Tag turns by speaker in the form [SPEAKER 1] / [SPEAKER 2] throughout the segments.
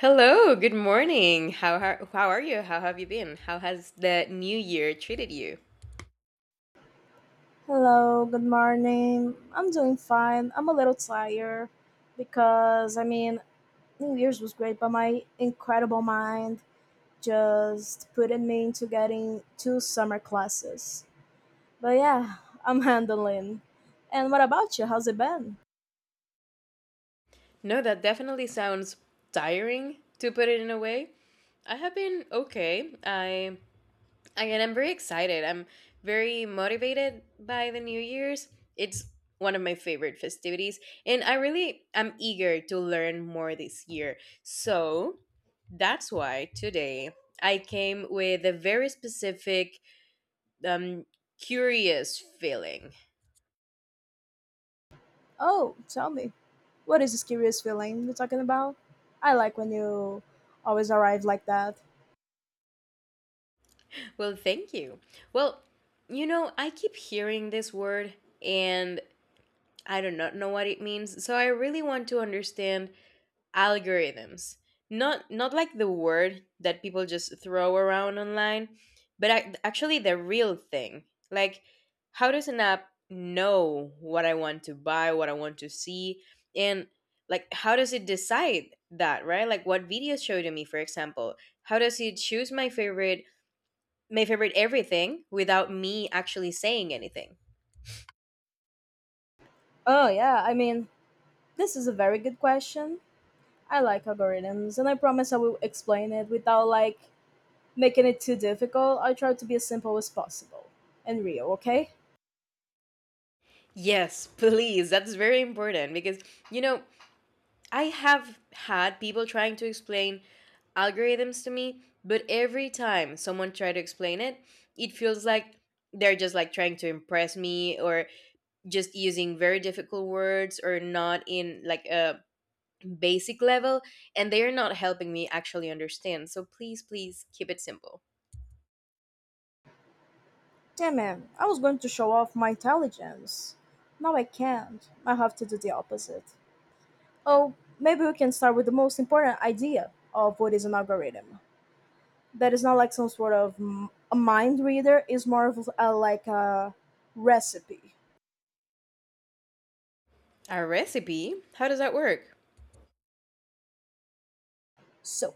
[SPEAKER 1] Hello, good morning. How are you? How have you been? How has the New Year treated you?
[SPEAKER 2] Hello, good morning. I'm doing fine. I'm a little tired because New Year's was great, but my incredible mind just put it me into getting two summer classes. But yeah, I'm handling. And what about you? How's it been?
[SPEAKER 1] No, that definitely sounds tiring to put it in a way. I have been okay. I Again, I'm very excited. I'm very motivated by the New Year's. It's one of my favorite festivities, and I really am eager to learn more this year. So that's why today I came with a very specific, um, curious feeling.
[SPEAKER 2] Oh, tell me. What is this curious feeling you're talking about? I like when you always arrive like that.
[SPEAKER 1] Well, thank you. Well, I keep hearing this word and I do not know what it means. So I really want to understand algorithms. Not like the word that people just throw around online, but ac actually the real thing. Like how does an app know what I want to buy, what I want to see, and like how does it decide that, right? Like what videos show to me, for example? How does it choose my favorite everything without me actually saying anything.
[SPEAKER 2] Oh, yeah, this is a very good question. I like algorithms and I promise I will explain it without like making it too difficult. I try to be as simple as possible and real, okay?
[SPEAKER 1] Yes, please. That's very important because, you know, I have had people trying to explain algorithms to me, but every time someone try to explain it, it feels like they're just like trying to impress me or just using very difficult words or not in like a basic level and they're not helping me actually understand. So please, please keep it simple.
[SPEAKER 2] Damn man, I was going to show off my intelligence. Now I can't. I have to do the opposite. Oh, maybe we can start with the most important idea of what is an algorithm. That is not like some sort of a mind reader, it's more of like a recipe.
[SPEAKER 1] Our recipe? How does that work?
[SPEAKER 2] So,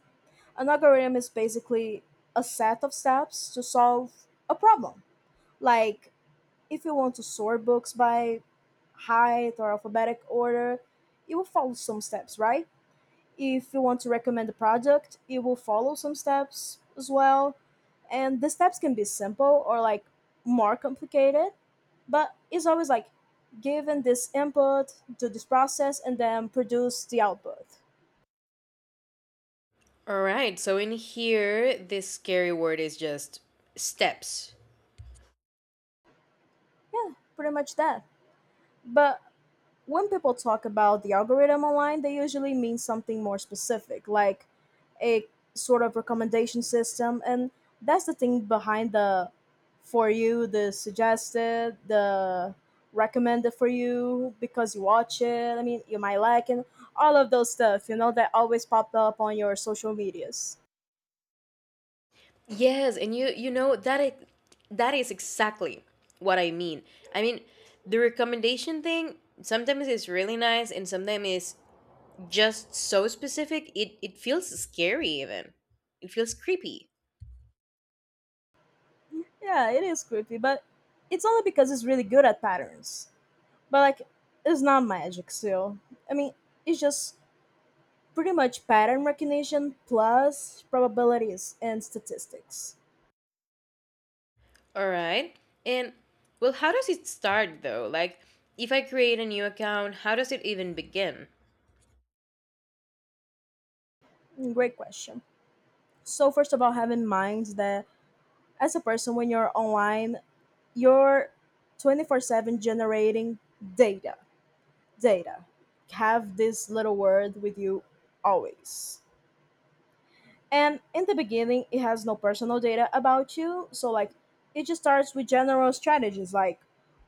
[SPEAKER 2] an algorithm is basically a set of steps to solve a problem. Like, if you want to sort books by height or alphabetic order, it will follow some steps, right? If you want to recommend a product, it will follow some steps as well. And the steps can be simple or like more complicated, but it's always like given this input, do this process, and then produce the output.
[SPEAKER 1] All right. So in here, this scary word is just steps.
[SPEAKER 2] Pretty much that. But when people talk about the algorithm online, they usually mean something more specific, like a sort of recommendation system. And that's the thing behind the for you, the suggested, the recommended for you because you watch it. I mean, you might like and all of those stuff, you know, that always popped up on your social medias.
[SPEAKER 1] Yes, and you know that it that is exactly what I mean. I mean, the recommendation thing sometimes is really nice and sometimes is just so specific it feels scary even. It feels creepy.
[SPEAKER 2] Yeah, it is creepy, but it's only because it's really good at patterns. But like, it's not magic still. I mean, it's just pretty much pattern recognition plus probabilities and statistics?
[SPEAKER 1] All right. And well, how does it start though? Like if I create a new account, how does it even begin?
[SPEAKER 2] Great question. So first of all, have in mind that as a person when you're online, you're 24/7 generating data. Data. Have this little word with you always. And in the beginning, it has no personal data about you. So, like, it just starts with general strategies like,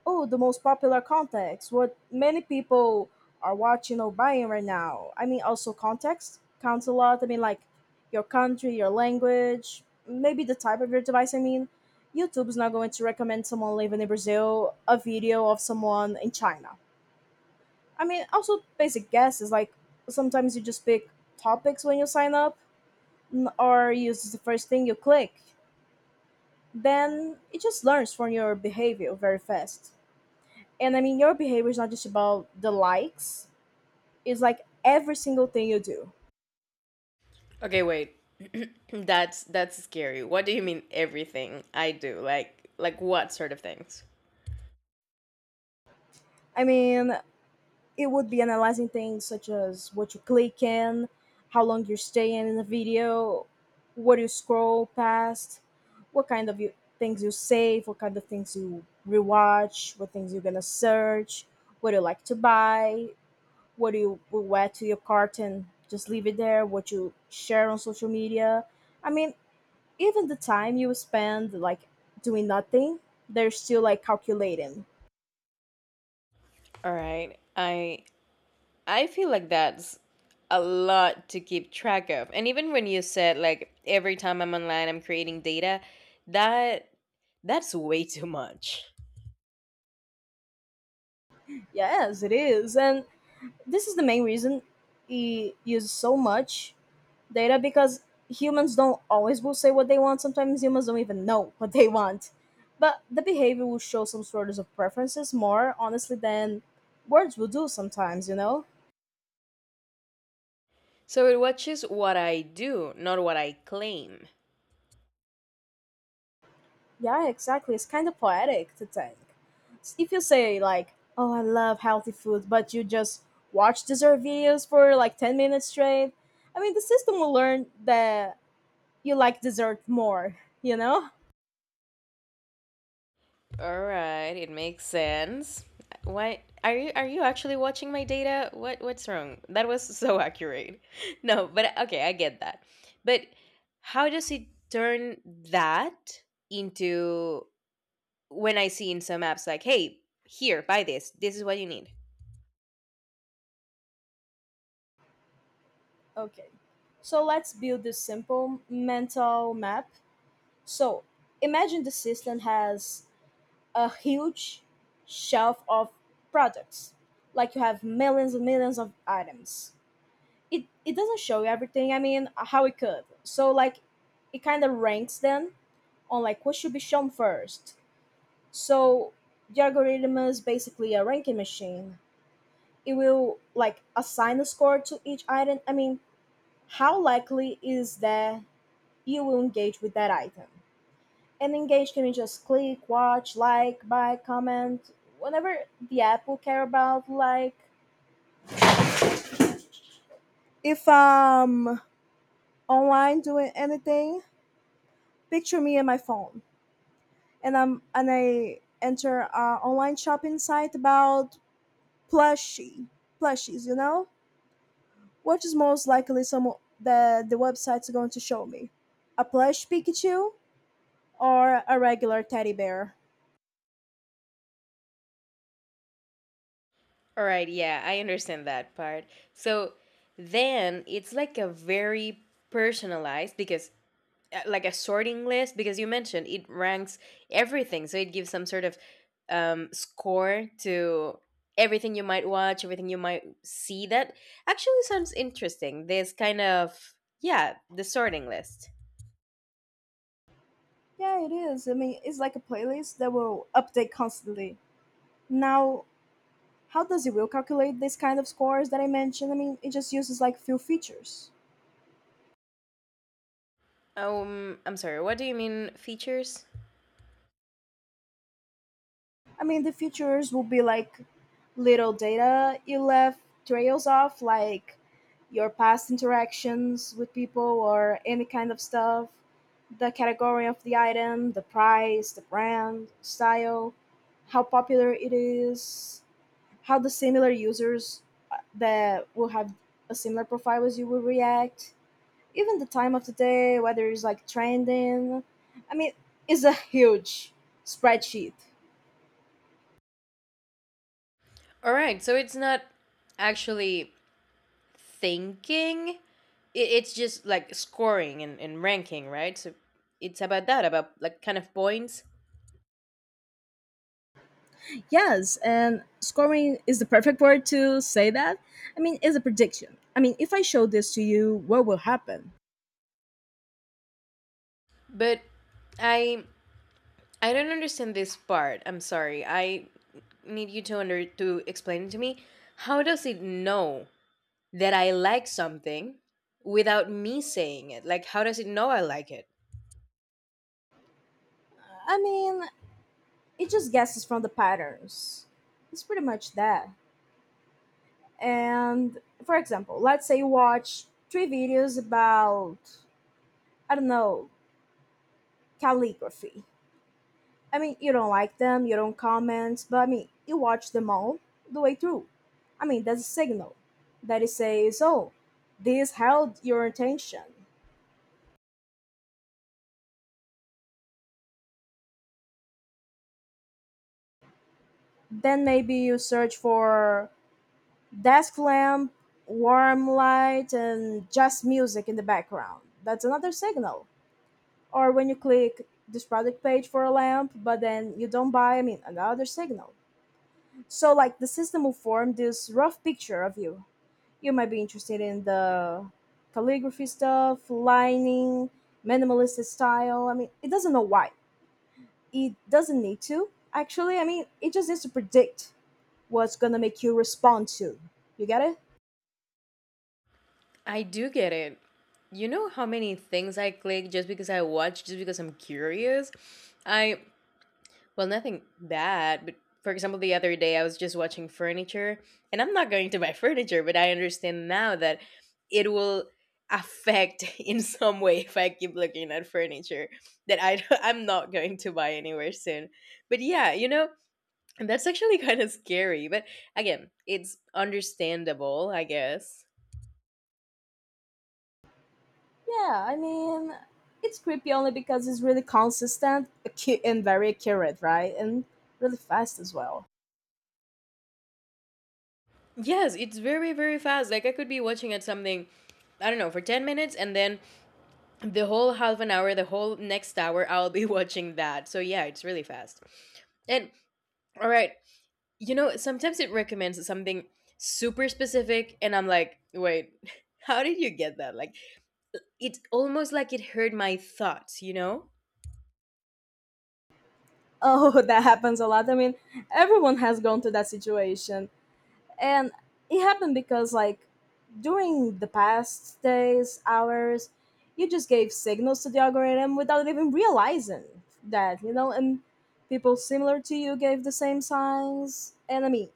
[SPEAKER 2] oh, the most popular contacts, what many people are watching or buying right now. I mean, also context counts a lot. I mean, like, your country, your language, maybe the type of your device. I mean, YouTube's not going to recommend someone living in Brazil a video of someone in China. I mean, also basic guesses like sometimes you just pick topics when you sign up or uses the first thing you click, then it just learns from your behavior very fast. And I mean, your behavior is not just about the likes, it's like every single thing you do.
[SPEAKER 1] Okay, wait. That's scary. What do you mean everything I do? Like what sort of things?
[SPEAKER 2] I mean, it would be analyzing things such as what you click in, how long you're staying in the video, what you scroll past, what kind of you, things you save, what kind of things you rewatch, what things you're gonna search, what you like to buy, what do you would add to your cart and just leave it there, what you share on social media. I mean, even the time you spend like doing nothing, they're still like calculating.
[SPEAKER 1] All right. I feel like that's a lot to keep track of. And even when you said like every time I'm online I'm creating data, that that's way too much.
[SPEAKER 2] Yes, it is, and this is the main reason he uses so much data, because humans don't always will say what they want. Sometimes humans don't even know what they want, but the behavior will show some sort of preferences more honestly than words will do sometimes, you know?
[SPEAKER 1] So it watches what I do, not what I claim.
[SPEAKER 2] Yeah, exactly. It's kind of poetic to think. If you say like, "Oh, I love healthy food," but you just watch dessert videos for like 10 minutes straight, I mean, the system will learn that you like dessert more, you know?
[SPEAKER 1] All right, it makes sense. What are you actually watching my data? What's wrong? That was so accurate. No, but okay, I get that. But how does it turn that into when I see in some apps like, "Hey, here, buy this. This is what you need."
[SPEAKER 2] Okay. So let's build this simple mental map. So, imagine the system has a huge shelf of products. Like you have millions and millions of items, it doesn't show you everything. I mean, how it could. So like, it kind of ranks them on like what should be shown first. So the algorithm is basically a ranking machine. It will like assign a score to each item. I mean, how likely is that you will engage with that item? And engage can be just click, watch, like, buy, comment, whatever the app will care about. Like if I'm online doing anything, picture me and my phone, and I enter a online shopping site about plushie plushies. You know, what is most likely some that the website's going to show me? A plush Pikachu or a regular teddy bear?
[SPEAKER 1] All right, yeah, I understand that part. So then it's like a very personalized because like a sorting list because you mentioned it ranks everything so it gives some sort of score to everything you might watch everything you might see that actually sounds interesting this kind of yeah the sorting list.
[SPEAKER 2] Yeah, it is. I mean, it's like a playlist that will update constantly. Now, how does it will calculate this kind of scores that I mentioned? I mean, it just uses like few features.
[SPEAKER 1] I'm sorry, what do you mean features?
[SPEAKER 2] I mean, the features will be like little data you left trails off, like your past interactions with people or any kind of stuff, the category of the item, the price, the brand, style, how popular it is, how the similar users that will have a similar profile as you will react, even the time of the day, whether it's like trending. I mean, it's a huge spreadsheet.
[SPEAKER 1] All right, so it's not actually thinking it's just like scoring and ranking, right? So it's about that, about like kind of points.
[SPEAKER 2] Yes, and scoring is the perfect word to say that. I mean, it's a prediction. I mean, if I show this to you, what will happen?
[SPEAKER 1] But i I don't understand this part. I'm sorry. I need you to under to explain it to me. How does it know that I like something without me saying it? Like how does it know I like it?
[SPEAKER 2] I mean, it just guesses from the patterns. It's pretty much that. And for example, let's say you watch three videos about, I don't know, calligraphy. I mean, you don't like them, you don't comment, but I mean, you watch them all the way through. I mean, that's a signal that it says, oh, this held your attention. Then maybe you search for desk lamp, warm light, and just music in the background. That's another signal. Or when you click this product page for a lamp, but then you don't buy, I mean, another signal. So, like, the system will form this rough picture of you. You might be interested in the calligraphy stuff, lining, minimalist style. I mean, it doesn't know why. It doesn't need to, actually. I mean, it just needs to predict what's gonna make you respond to. You get it?
[SPEAKER 1] I do get it. You know how many things I click just because I watch, just because I'm curious? I Well, nothing bad, but for example, the other day I was just watching furniture, and I'm not going to buy furniture, but I understand now that it will affect in some way if I keep looking at furniture that I I'm not going to buy anywhere soon. But yeah, that's actually kind of scary, but again, it's understandable, I guess.
[SPEAKER 2] Yeah, I mean, it's creepy only because it's really consistent and very accurate, right? And really fast as well.
[SPEAKER 1] Yes, it's very very fast. Like I could be watching at something I don't know, for 10 minutes and then the whole half an hour, the whole next hour, I'll be watching that. So yeah, it's really fast. And all right, sometimes it recommends something super specific, and I'm like, wait, how did you get that? Like, it's almost like it heard my thoughts, you know?
[SPEAKER 2] Oh, that happens a lot. I mean, everyone has gone to that situation. And it happened because, like, during the past days, hours, you just gave signals to the algorithm without even realizing that, you know? And people similar to you gave the same signs. And I mean,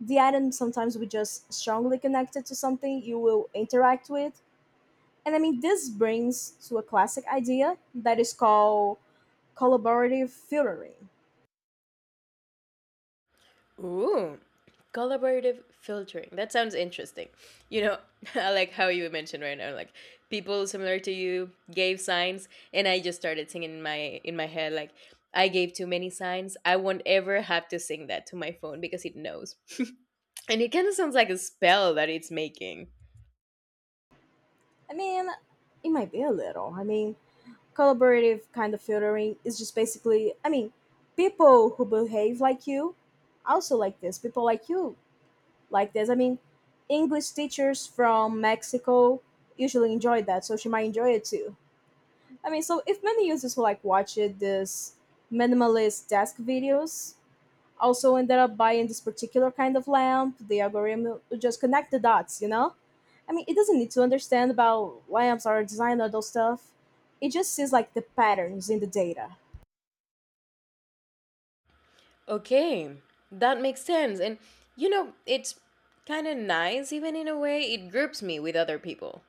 [SPEAKER 2] the item sometimes will just strongly connected to something you will interact with. And I mean, this brings to a classic idea that is called collaborative filtering.
[SPEAKER 1] Ooh, collaborative filtering. That sounds interesting. You know, I like how you mentioned right now, like people similar to you gave signs, and I just started singing in my head like. I gave too many signs. I won't ever have to sing that to my phone because it knows. And it kind of sounds like a spell that it's making.
[SPEAKER 2] I mean, it might be a little. I mean, collaborative kind of filtering is just basically, I mean, people who behave like you also like this. People like you like this. I mean, English teachers from Mexico usually enjoy that, so she might enjoy it too. I mean, so if many users who like watched this minimalist desk videos also ended up buying this particular kind of lamp, the algorithm would just connect the dots, you know? I mean, it doesn't need to understand about lamps or design or those stuff. It just sees like the patterns in the data.
[SPEAKER 1] Okay, that makes sense. And it's kind of nice even in a way. It groups me with other people.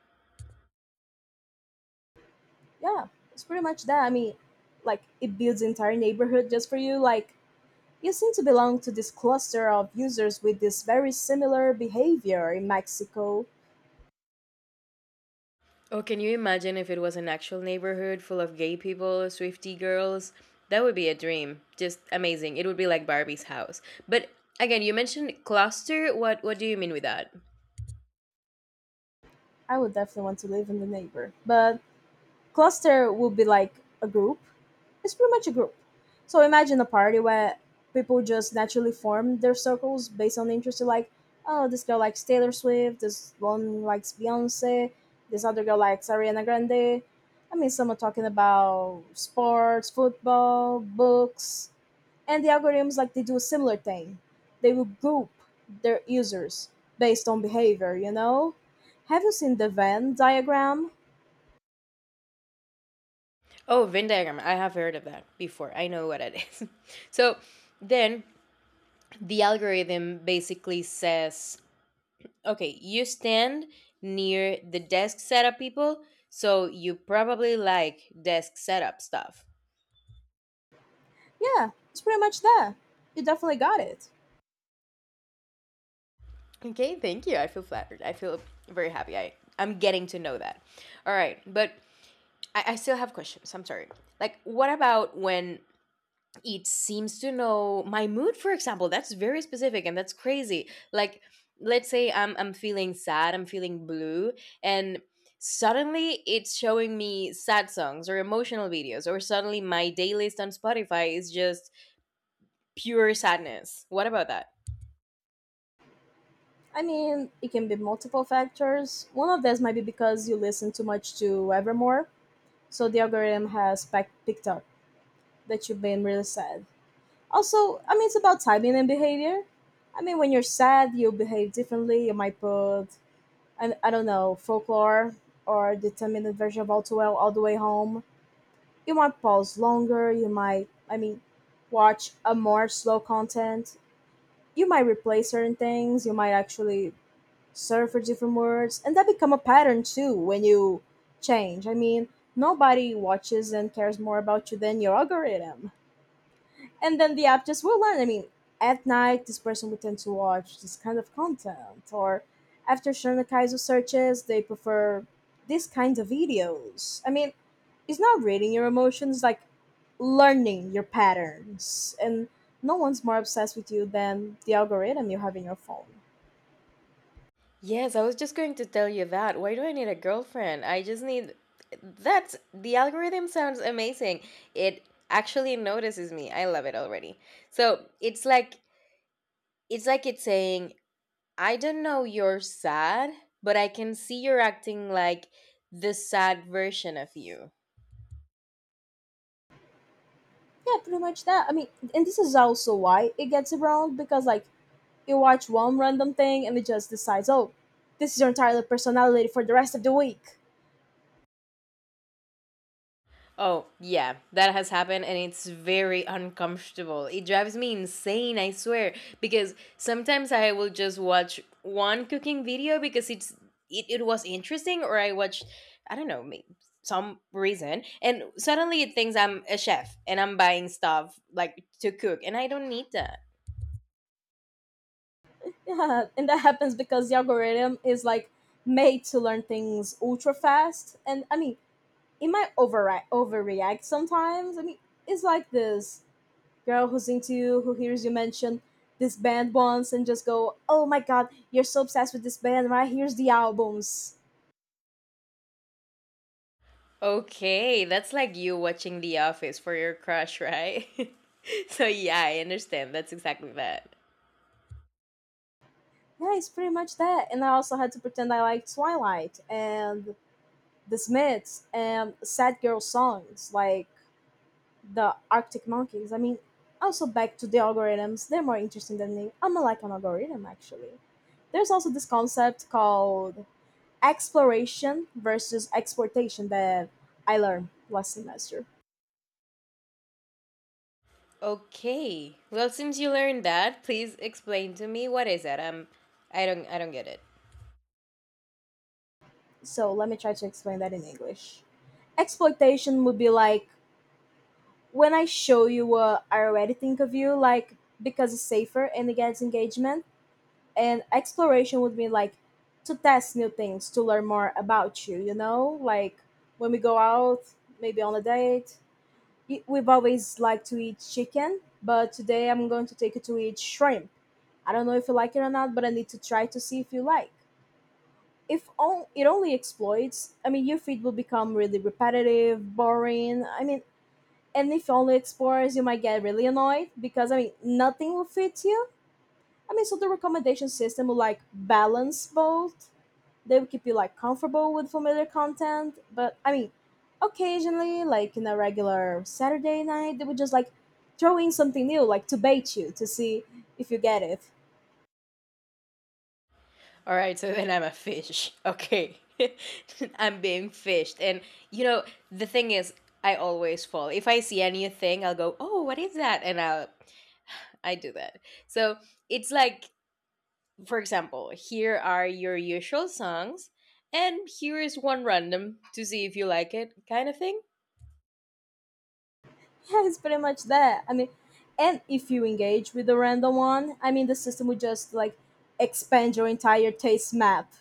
[SPEAKER 2] Yeah, it's pretty much that. I mean, like it builds entire neighborhood just for you. Like you seem to belong to this cluster of users with this very similar behavior in Mexico.
[SPEAKER 1] Oh, can you imagine if it was an actual neighborhood full of gay people, Swifty girls? That would be a dream. Just amazing. It would be like Barbie's house. But again, you mentioned cluster. What do you mean with that?
[SPEAKER 2] I would definitely want to live in the neighbor. But cluster would be like a group. It's pretty much a group. So imagine a party where people just naturally form their circles based on interest. So like, oh, this girl likes Taylor Swift. This one likes Beyonce. This other girl likes Ariana Grande. I mean, some are talking about sports, football, books, and the algorithms like they do a similar thing. They will group their users based on behavior. You know, have you seen the Venn diagram?
[SPEAKER 1] Oh, Venn diagram. I have heard of that before. I know what it is. So then the algorithm basically says, okay, you stand near the desk setup people, so you probably like desk setup stuff.
[SPEAKER 2] Yeah, it's pretty much that. You definitely got it.
[SPEAKER 1] Okay, thank you. I feel flattered. I feel very happy. I'm getting to know that. All right, but I still have questions. I'm sorry. Like, what about when it seems to know my mood? For example, that's very specific and that's crazy. Like, let's say I'm feeling sad. I'm feeling blue, and suddenly it's showing me sad songs or emotional videos, or suddenly my day list on Spotify is just pure sadness. What about that?
[SPEAKER 2] I mean, it can be multiple factors. One of these might be because you listen too much to Evermore, so the algorithm has picked up that you've been really sad. Also, I mean, it's about timing and behavior. I mean, when you're sad, you behave differently. You might put, I don't know, folklore or the 10-minute version of All Too Well all the way home. You might pause longer. You might, I mean, watch a more slow content. You might replace certain things. You might actually search for different words, and that become a pattern too. When you change, I mean, nobody watches and cares more about you than your algorithm. And then the app just will learn. I mean, at night, this person would tend to watch this kind of content, or after Shonakaizo searches, they prefer this kind of videos. I mean, it's not reading your emotions, like learning your patterns, and no one's more obsessed with you than the algorithm you have in your phone.
[SPEAKER 1] Yes, I was just going to tell you that. Why do I need a girlfriend? I just need. That's the algorithm sounds amazing. It actually notices me. I love it already. So, it's like it's saying, "I don't know you're sad, but I can see you're acting like the sad version of you."
[SPEAKER 2] Yeah, pretty much that. I mean, and this is also why it gets around because like you watch one random thing and it just decides, oh, this is your entire personality for the rest of the week.
[SPEAKER 1] Oh, yeah, that has happened and it's very uncomfortable. It drives me insane, I swear, because sometimes I will just watch one cooking video because it was interesting or I watched I don't know, some reason and suddenly it thinks I'm a chef and I'm buying stuff like to cook and I don't need that.
[SPEAKER 2] Yeah, and that happens because the algorithm is like made to learn things ultra fast. And I mean, it might overri overreact sometimes. I mean, it's like this girl who's into you, who hears you mention this band once and just go, "Oh my god, you're so obsessed with this band, right? Here's the albums."
[SPEAKER 1] Okay, that's like you watching The Office for your crush, right? So yeah, I understand. That's exactly that.
[SPEAKER 2] Yeah, it's pretty much that. And I also had to pretend I liked Twilight and The Smiths and Sad Girl songs. Like, the Arctic monkeys. I mean, also back to the algorithms, they're more interesting than me. I'm like an algorithm actually. There's also this concept called exploration versus exportation that I learned last semester.
[SPEAKER 1] Okay. Well, since you learned that, please explain to me what is it. I don't get it.
[SPEAKER 2] So let me try to explain that in English. Exploitation would be like when I show you what I already think of you, like because it's safer and it gets engagement. And exploration would be like to test new things to learn more about you, you know, like when we go out, maybe on a date, we've always liked to eat chicken, but today I'm going to take you to eat shrimp. I don't know if you like it or not, but I need to try to see if you like. If on, it only exploits, I mean, your feed will become really repetitive, boring, I mean. And if you only explores, you might get really annoyed because, I mean, nothing will fit you. I mean, so the recommendation system will like balance both. They will keep you like comfortable with familiar content, but I mean occasionally, like in a regular Saturday night, they would just like throw in something new, like to bait you to see if you get it.
[SPEAKER 1] All right. So then I'm a fish. Okay. I'm being fished, and you know the thing is, I always fall. If I see anything, I'll go, "Oh, what is that?" And I do that. So it's like, for example, here are your usual songs, and here is one random to see if you like it, kind of thing.
[SPEAKER 2] Yeah, it's pretty much that, I mean. And if you engage with the random one, I mean, the system would just like expand your entire taste map.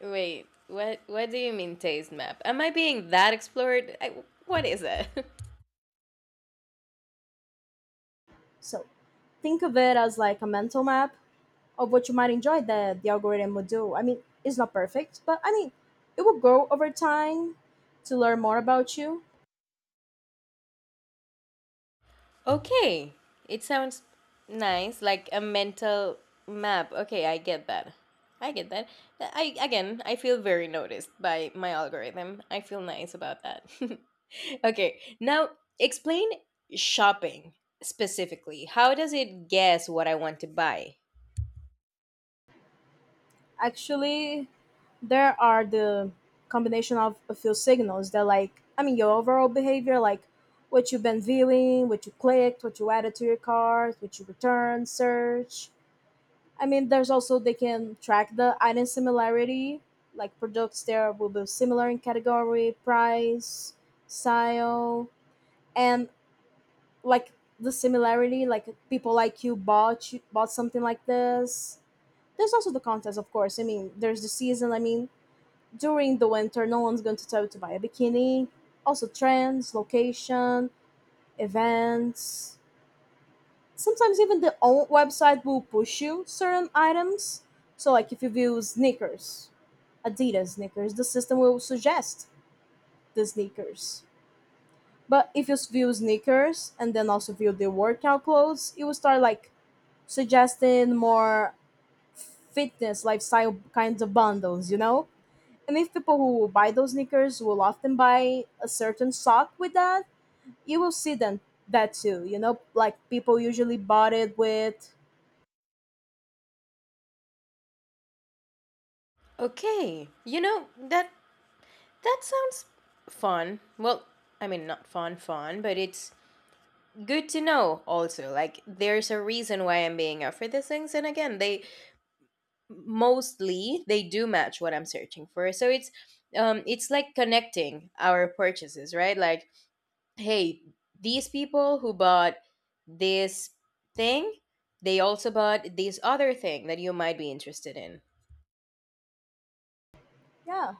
[SPEAKER 1] Wait, what do you mean taste map? Am I being that explored? What is it?
[SPEAKER 2] So think of it as like a mental map of what you might enjoy that the algorithm would do. I mean, it's not perfect, but I mean it will grow over time to learn more about you.
[SPEAKER 1] Okay. It sounds nice, like a mental map. Okay, I get that. I get that. I Again, I feel very noticed by my algorithm. I feel nice about that. Okay. Now, explain shopping specifically. How does it guess what I want to buy?
[SPEAKER 2] Actually, there are the combination of a few signals that, like, I mean, your overall behavior, like what you've been viewing, what you clicked, what you added to your cart, what you returned, search. I mean, there's also they can track the item similarity, like products there will be similar in category, price, style, and like the similarity, like people like you bought something like this. There's also the contest, of course. I mean, there's the season. I mean, during the winter no one's going to tell you to buy a bikini. Also trends, location, events. Sometimes even the own website will push you certain items. So like if you view sneakers, Adidas sneakers, the system will suggest the sneakers. But if you view sneakers and then also view the workout clothes, it will start like suggesting more fitness lifestyle kinds of bundles, you know. And if people who buy those sneakers will often buy a certain sock with that, you will see them that too. You know, like people usually bought it with,
[SPEAKER 1] Okay. That sounds fun. Well, I mean, not fun, fun, but it's good to know also. Like, there's a reason why I'm being offered these things. And again, they mostly they do match what I'm searching for. So it's like connecting our purchases, right? Like, hey, these people who bought this thing, they also bought this other thing that you might be interested in.
[SPEAKER 2] yeah.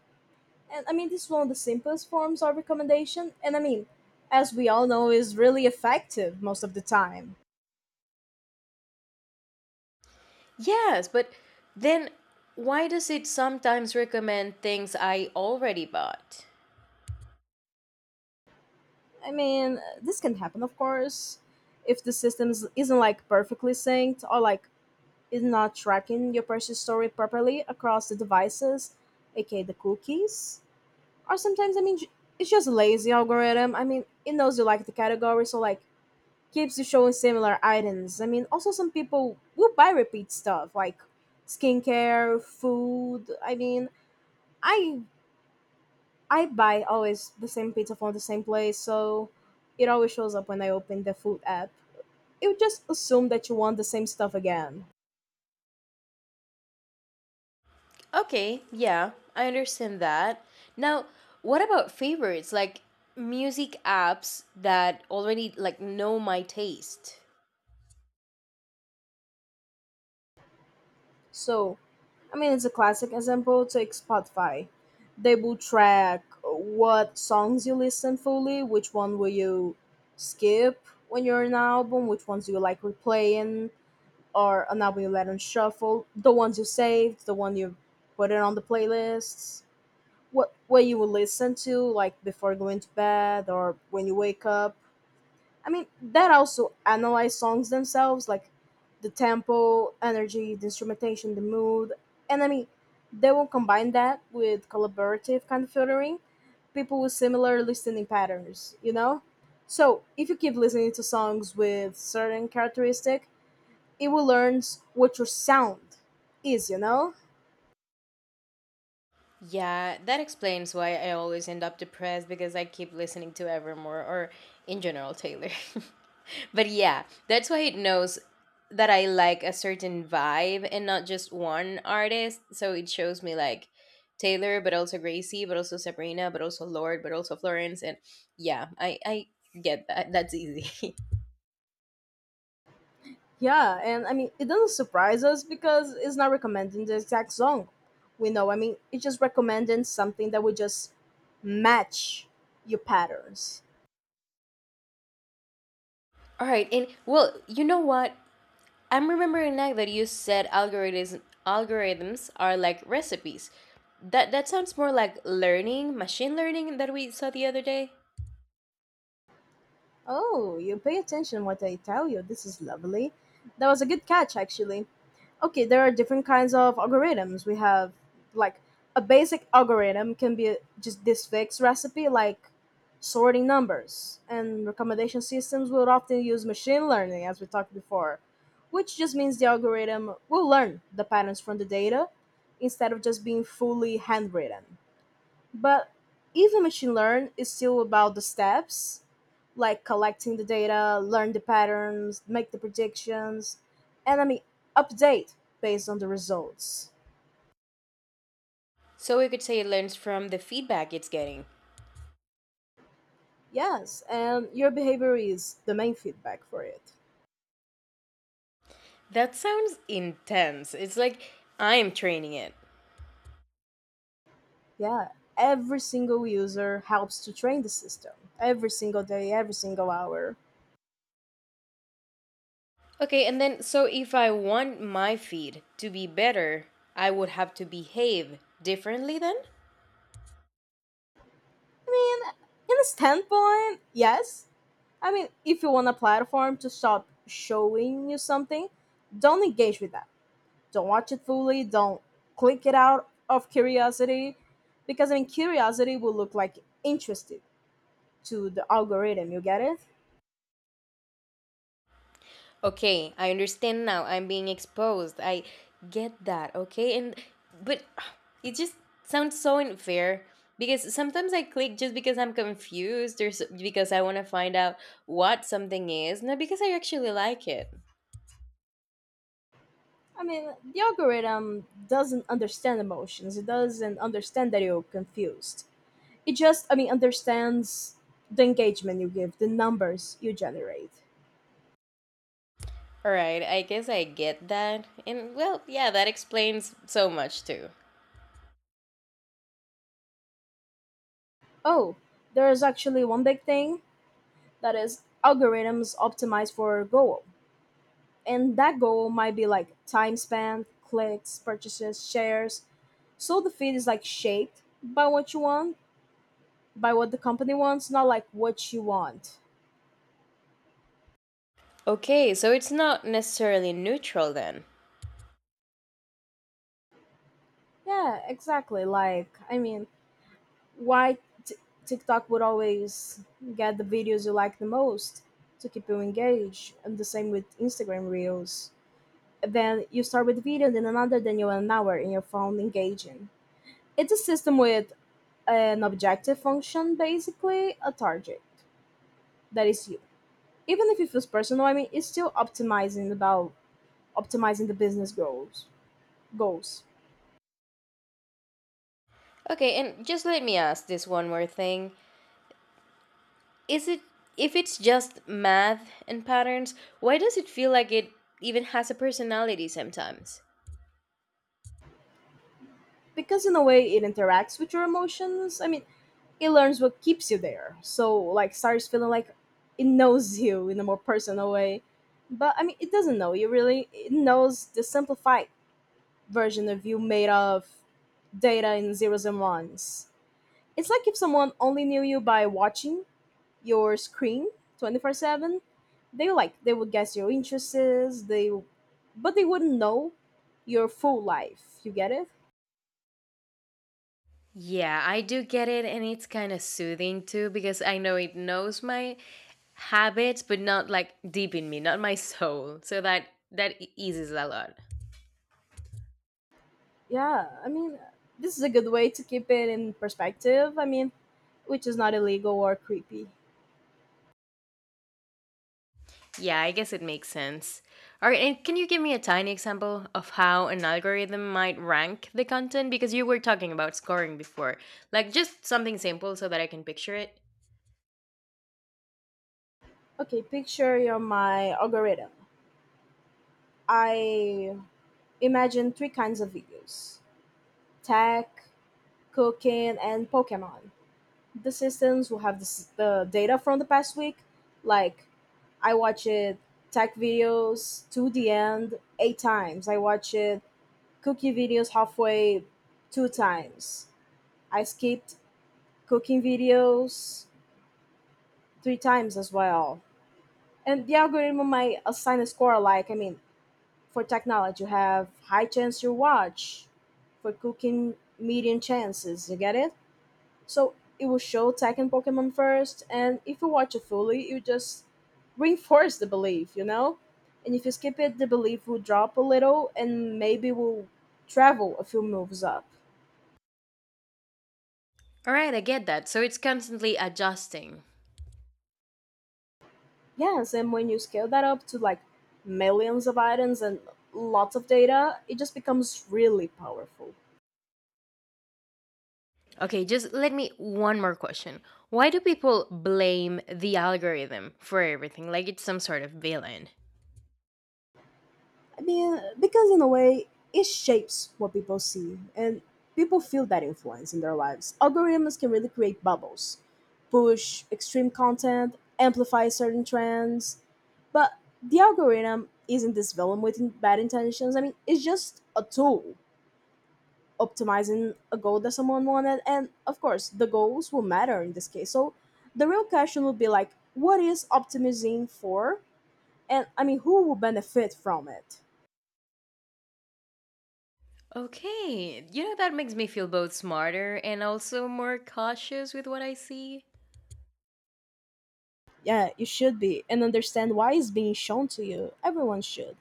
[SPEAKER 2] And I mean, this is one of the simplest forms of recommendation. And I mean, as we all know, is really effective most of the time.
[SPEAKER 1] Yes, but then why does it sometimes recommend things I already bought?
[SPEAKER 2] I mean, this can happen, of course, if the system isn't like perfectly synced or like is not tracking your purchase story properly across the devices, aka the cookies. Or sometimes, I mean, it's just lazy algorithm. I mean, it knows you like the category, so like keeps you showing similar items. I mean, also some people will buy repeat stuff like skincare, food. I mean, I I buy always the same pizza from the same place, so it always shows up when I open the food app. It would just assume that you want the same stuff again.
[SPEAKER 1] Okay, yeah, I understand that. Now, what about favorites like music apps that already like know my taste?
[SPEAKER 2] So, I mean, it's a classic example. Take Spotify. They will track what songs you listen fully, which one will you skip when you're in an album, which ones you like replaying, or an album you let on shuffle, the ones you saved, the one you put it on the playlists, what you will listen to like before going to bed or when you wake up. I mean, that also analyze songs themselves, like the tempo, energy, the instrumentation, the mood, and I mean, they will combine that with collaborative kind of filtering, people with similar listening patterns, you know? So, if you keep listening to songs with certain characteristic, it will learn what your sound is, you know?
[SPEAKER 1] Yeah, that explains why I always end up depressed because I keep listening to Evermore or in general Taylor. But yeah, that's why it knows that I like a certain vibe and not just one artist. So it shows me like Taylor, but also Gracie, but also Sabrina, but also Lord, but also Florence. And yeah, I get that. That's easy.
[SPEAKER 2] Yeah, and I mean, it doesn't surprise us because it's not recommending the exact song. We know, I mean, it's just recommending something that would just match your patterns.
[SPEAKER 1] All right. And well, you know what? I'm remembering now that you said algorithms are like recipes. That sounds more like learning, machine learning that we saw the other day.
[SPEAKER 2] Oh, you pay attention what I tell you. This is lovely. That was a good catch, actually. Okay, there are different kinds of algorithms we have, like a basic algorithm can be just this fixed recipe, like sorting numbers, and recommendation systems will often use machine learning, as we talked before, which just means the algorithm will learn the patterns from the data instead of just being fully handwritten. But even machine learn is still about the steps, like collecting the data, learn the patterns, make the predictions, and I mean update based on the results.
[SPEAKER 1] So we could say it learns from the feedback it's getting.
[SPEAKER 2] Yes, and your behavior is the main feedback for it.
[SPEAKER 1] That sounds intense. It's like I'm training it.
[SPEAKER 2] Yeah, every single user helps to train the system every single day, every single hour.
[SPEAKER 1] Okay, and then so if I want my feed to be better, I would have to behave differently then?
[SPEAKER 2] I mean, in a standpoint, yes. I mean, if you want a platform to stop showing you something, don't engage with that, don't watch it fully, don't click it out of curiosity, because I mean curiosity will look like interested to the algorithm, you get it.
[SPEAKER 1] Okay, I understand now. I'm being exposed. I get that. Okay, and but it just sounds so unfair because sometimes I click just because I'm confused or because I want to find out what something is, not because I actually like it.
[SPEAKER 2] I mean, the algorithm doesn't understand emotions, it doesn't understand that you're confused, it just, I mean, understands the engagement you give, the numbers you generate.
[SPEAKER 1] All right, I guess I get that. And well, yeah, that explains so much too.
[SPEAKER 2] Oh, there is actually one big thing, that is algorithms optimized for goal, and that goal might be like time spent, clicks, purchases, shares. So the feed is like shaped by what you want, by what the company wants, not like what you want.
[SPEAKER 1] Okay, so it's not necessarily neutral then.
[SPEAKER 2] Yeah, exactly. Like, I mean, why t- TikTok would always get the videos you like the most to keep you engaged, and the same with Instagram Reels. Then you start with the video, then another, then you're an hour in your phone engaging. It's a system with an objective function, basically a target that is you. Even if it feels personal, I mean, it's still optimizing the business goals.
[SPEAKER 1] Okay, and just let me ask this one more thing. Is it If it's just math and patterns, why does it feel like it even has a personality sometimes?
[SPEAKER 2] Because in a way it interacts with your emotions, I mean, it learns what keeps you there, so like starts feeling like it knows you in a more personal way. But I mean it doesn't know you really, it knows the simplified version of you made of data and zeros and ones. It's like if someone only knew you by watching your screen 24/7, they like they would guess your interests, they, but they wouldn't know your full life, you get it.
[SPEAKER 1] Yeah, I do get it, and it's kind of soothing too because I know it knows my habits, but not like deep in me, not my soul. So that eases a lot.
[SPEAKER 2] Yeah, I mean, this is a good way to keep it in perspective, I mean, which is not illegal or creepy.
[SPEAKER 1] Yeah, I guess it makes sense. All right, and can you give me a tiny example of how an algorithm might rank the content because you were talking about scoring before? Like just something simple so that I can picture it.
[SPEAKER 2] Okay, picture your my algorithm. I imagine three kinds of videos: tech, cooking, and Pokemon. The systems will have the data from the past week, like I watched tech videos to the end 8 times, I watched cooking videos halfway 2 times, I skipped cooking videos 3 times as well. And the algorithm might assign a score, like, I mean, for technology you have high chance you watch, for cooking medium chances, you get it. So it will show tech and Pokemon first, and if you watch it fully, you just reinforce the belief, you know? And if you skip it, the belief will drop a little and maybe will travel a few moves up.
[SPEAKER 1] All right, I get that. So it's constantly adjusting.
[SPEAKER 2] Yes, and when you scale that up to like millions of items and lots of data, it just becomes really powerful.
[SPEAKER 1] Okay, just let me one more question. Why do people blame the algorithm for everything like it's some sort of villain?
[SPEAKER 2] I mean, because in a way, it shapes what people see, and people feel that influence in their lives. Algorithms can really create bubbles, push extreme content, amplify certain trends, but the algorithm isn't this villain with bad intentions. I mean, it's just a tool optimizing a goal that someone wanted, and of course, the goals will matter in this case. So, the real question would be like, what is optimizing for? And I mean, who will benefit from it?
[SPEAKER 1] Okay, you know that makes me feel both smarter and also more cautious with what I see.
[SPEAKER 2] Yeah, you should be and understand why it's being shown to you. Everyone should.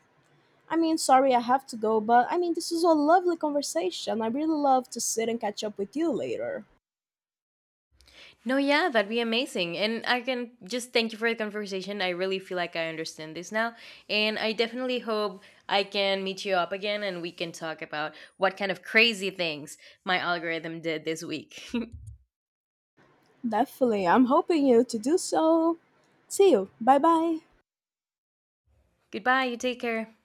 [SPEAKER 2] I mean, sorry I have to go, but I mean, this is a lovely conversation. I really love to sit and catch up with you later.
[SPEAKER 1] No, yeah, that'd be amazing. And I can just thank you for the conversation. I really feel like I understand this now. And I definitely hope I can meet you up again and we can talk about what kind of crazy things my algorithm did this week.
[SPEAKER 2] Definitely. I'm hoping you to do so. See you. Bye bye.
[SPEAKER 1] Goodbye. You take care.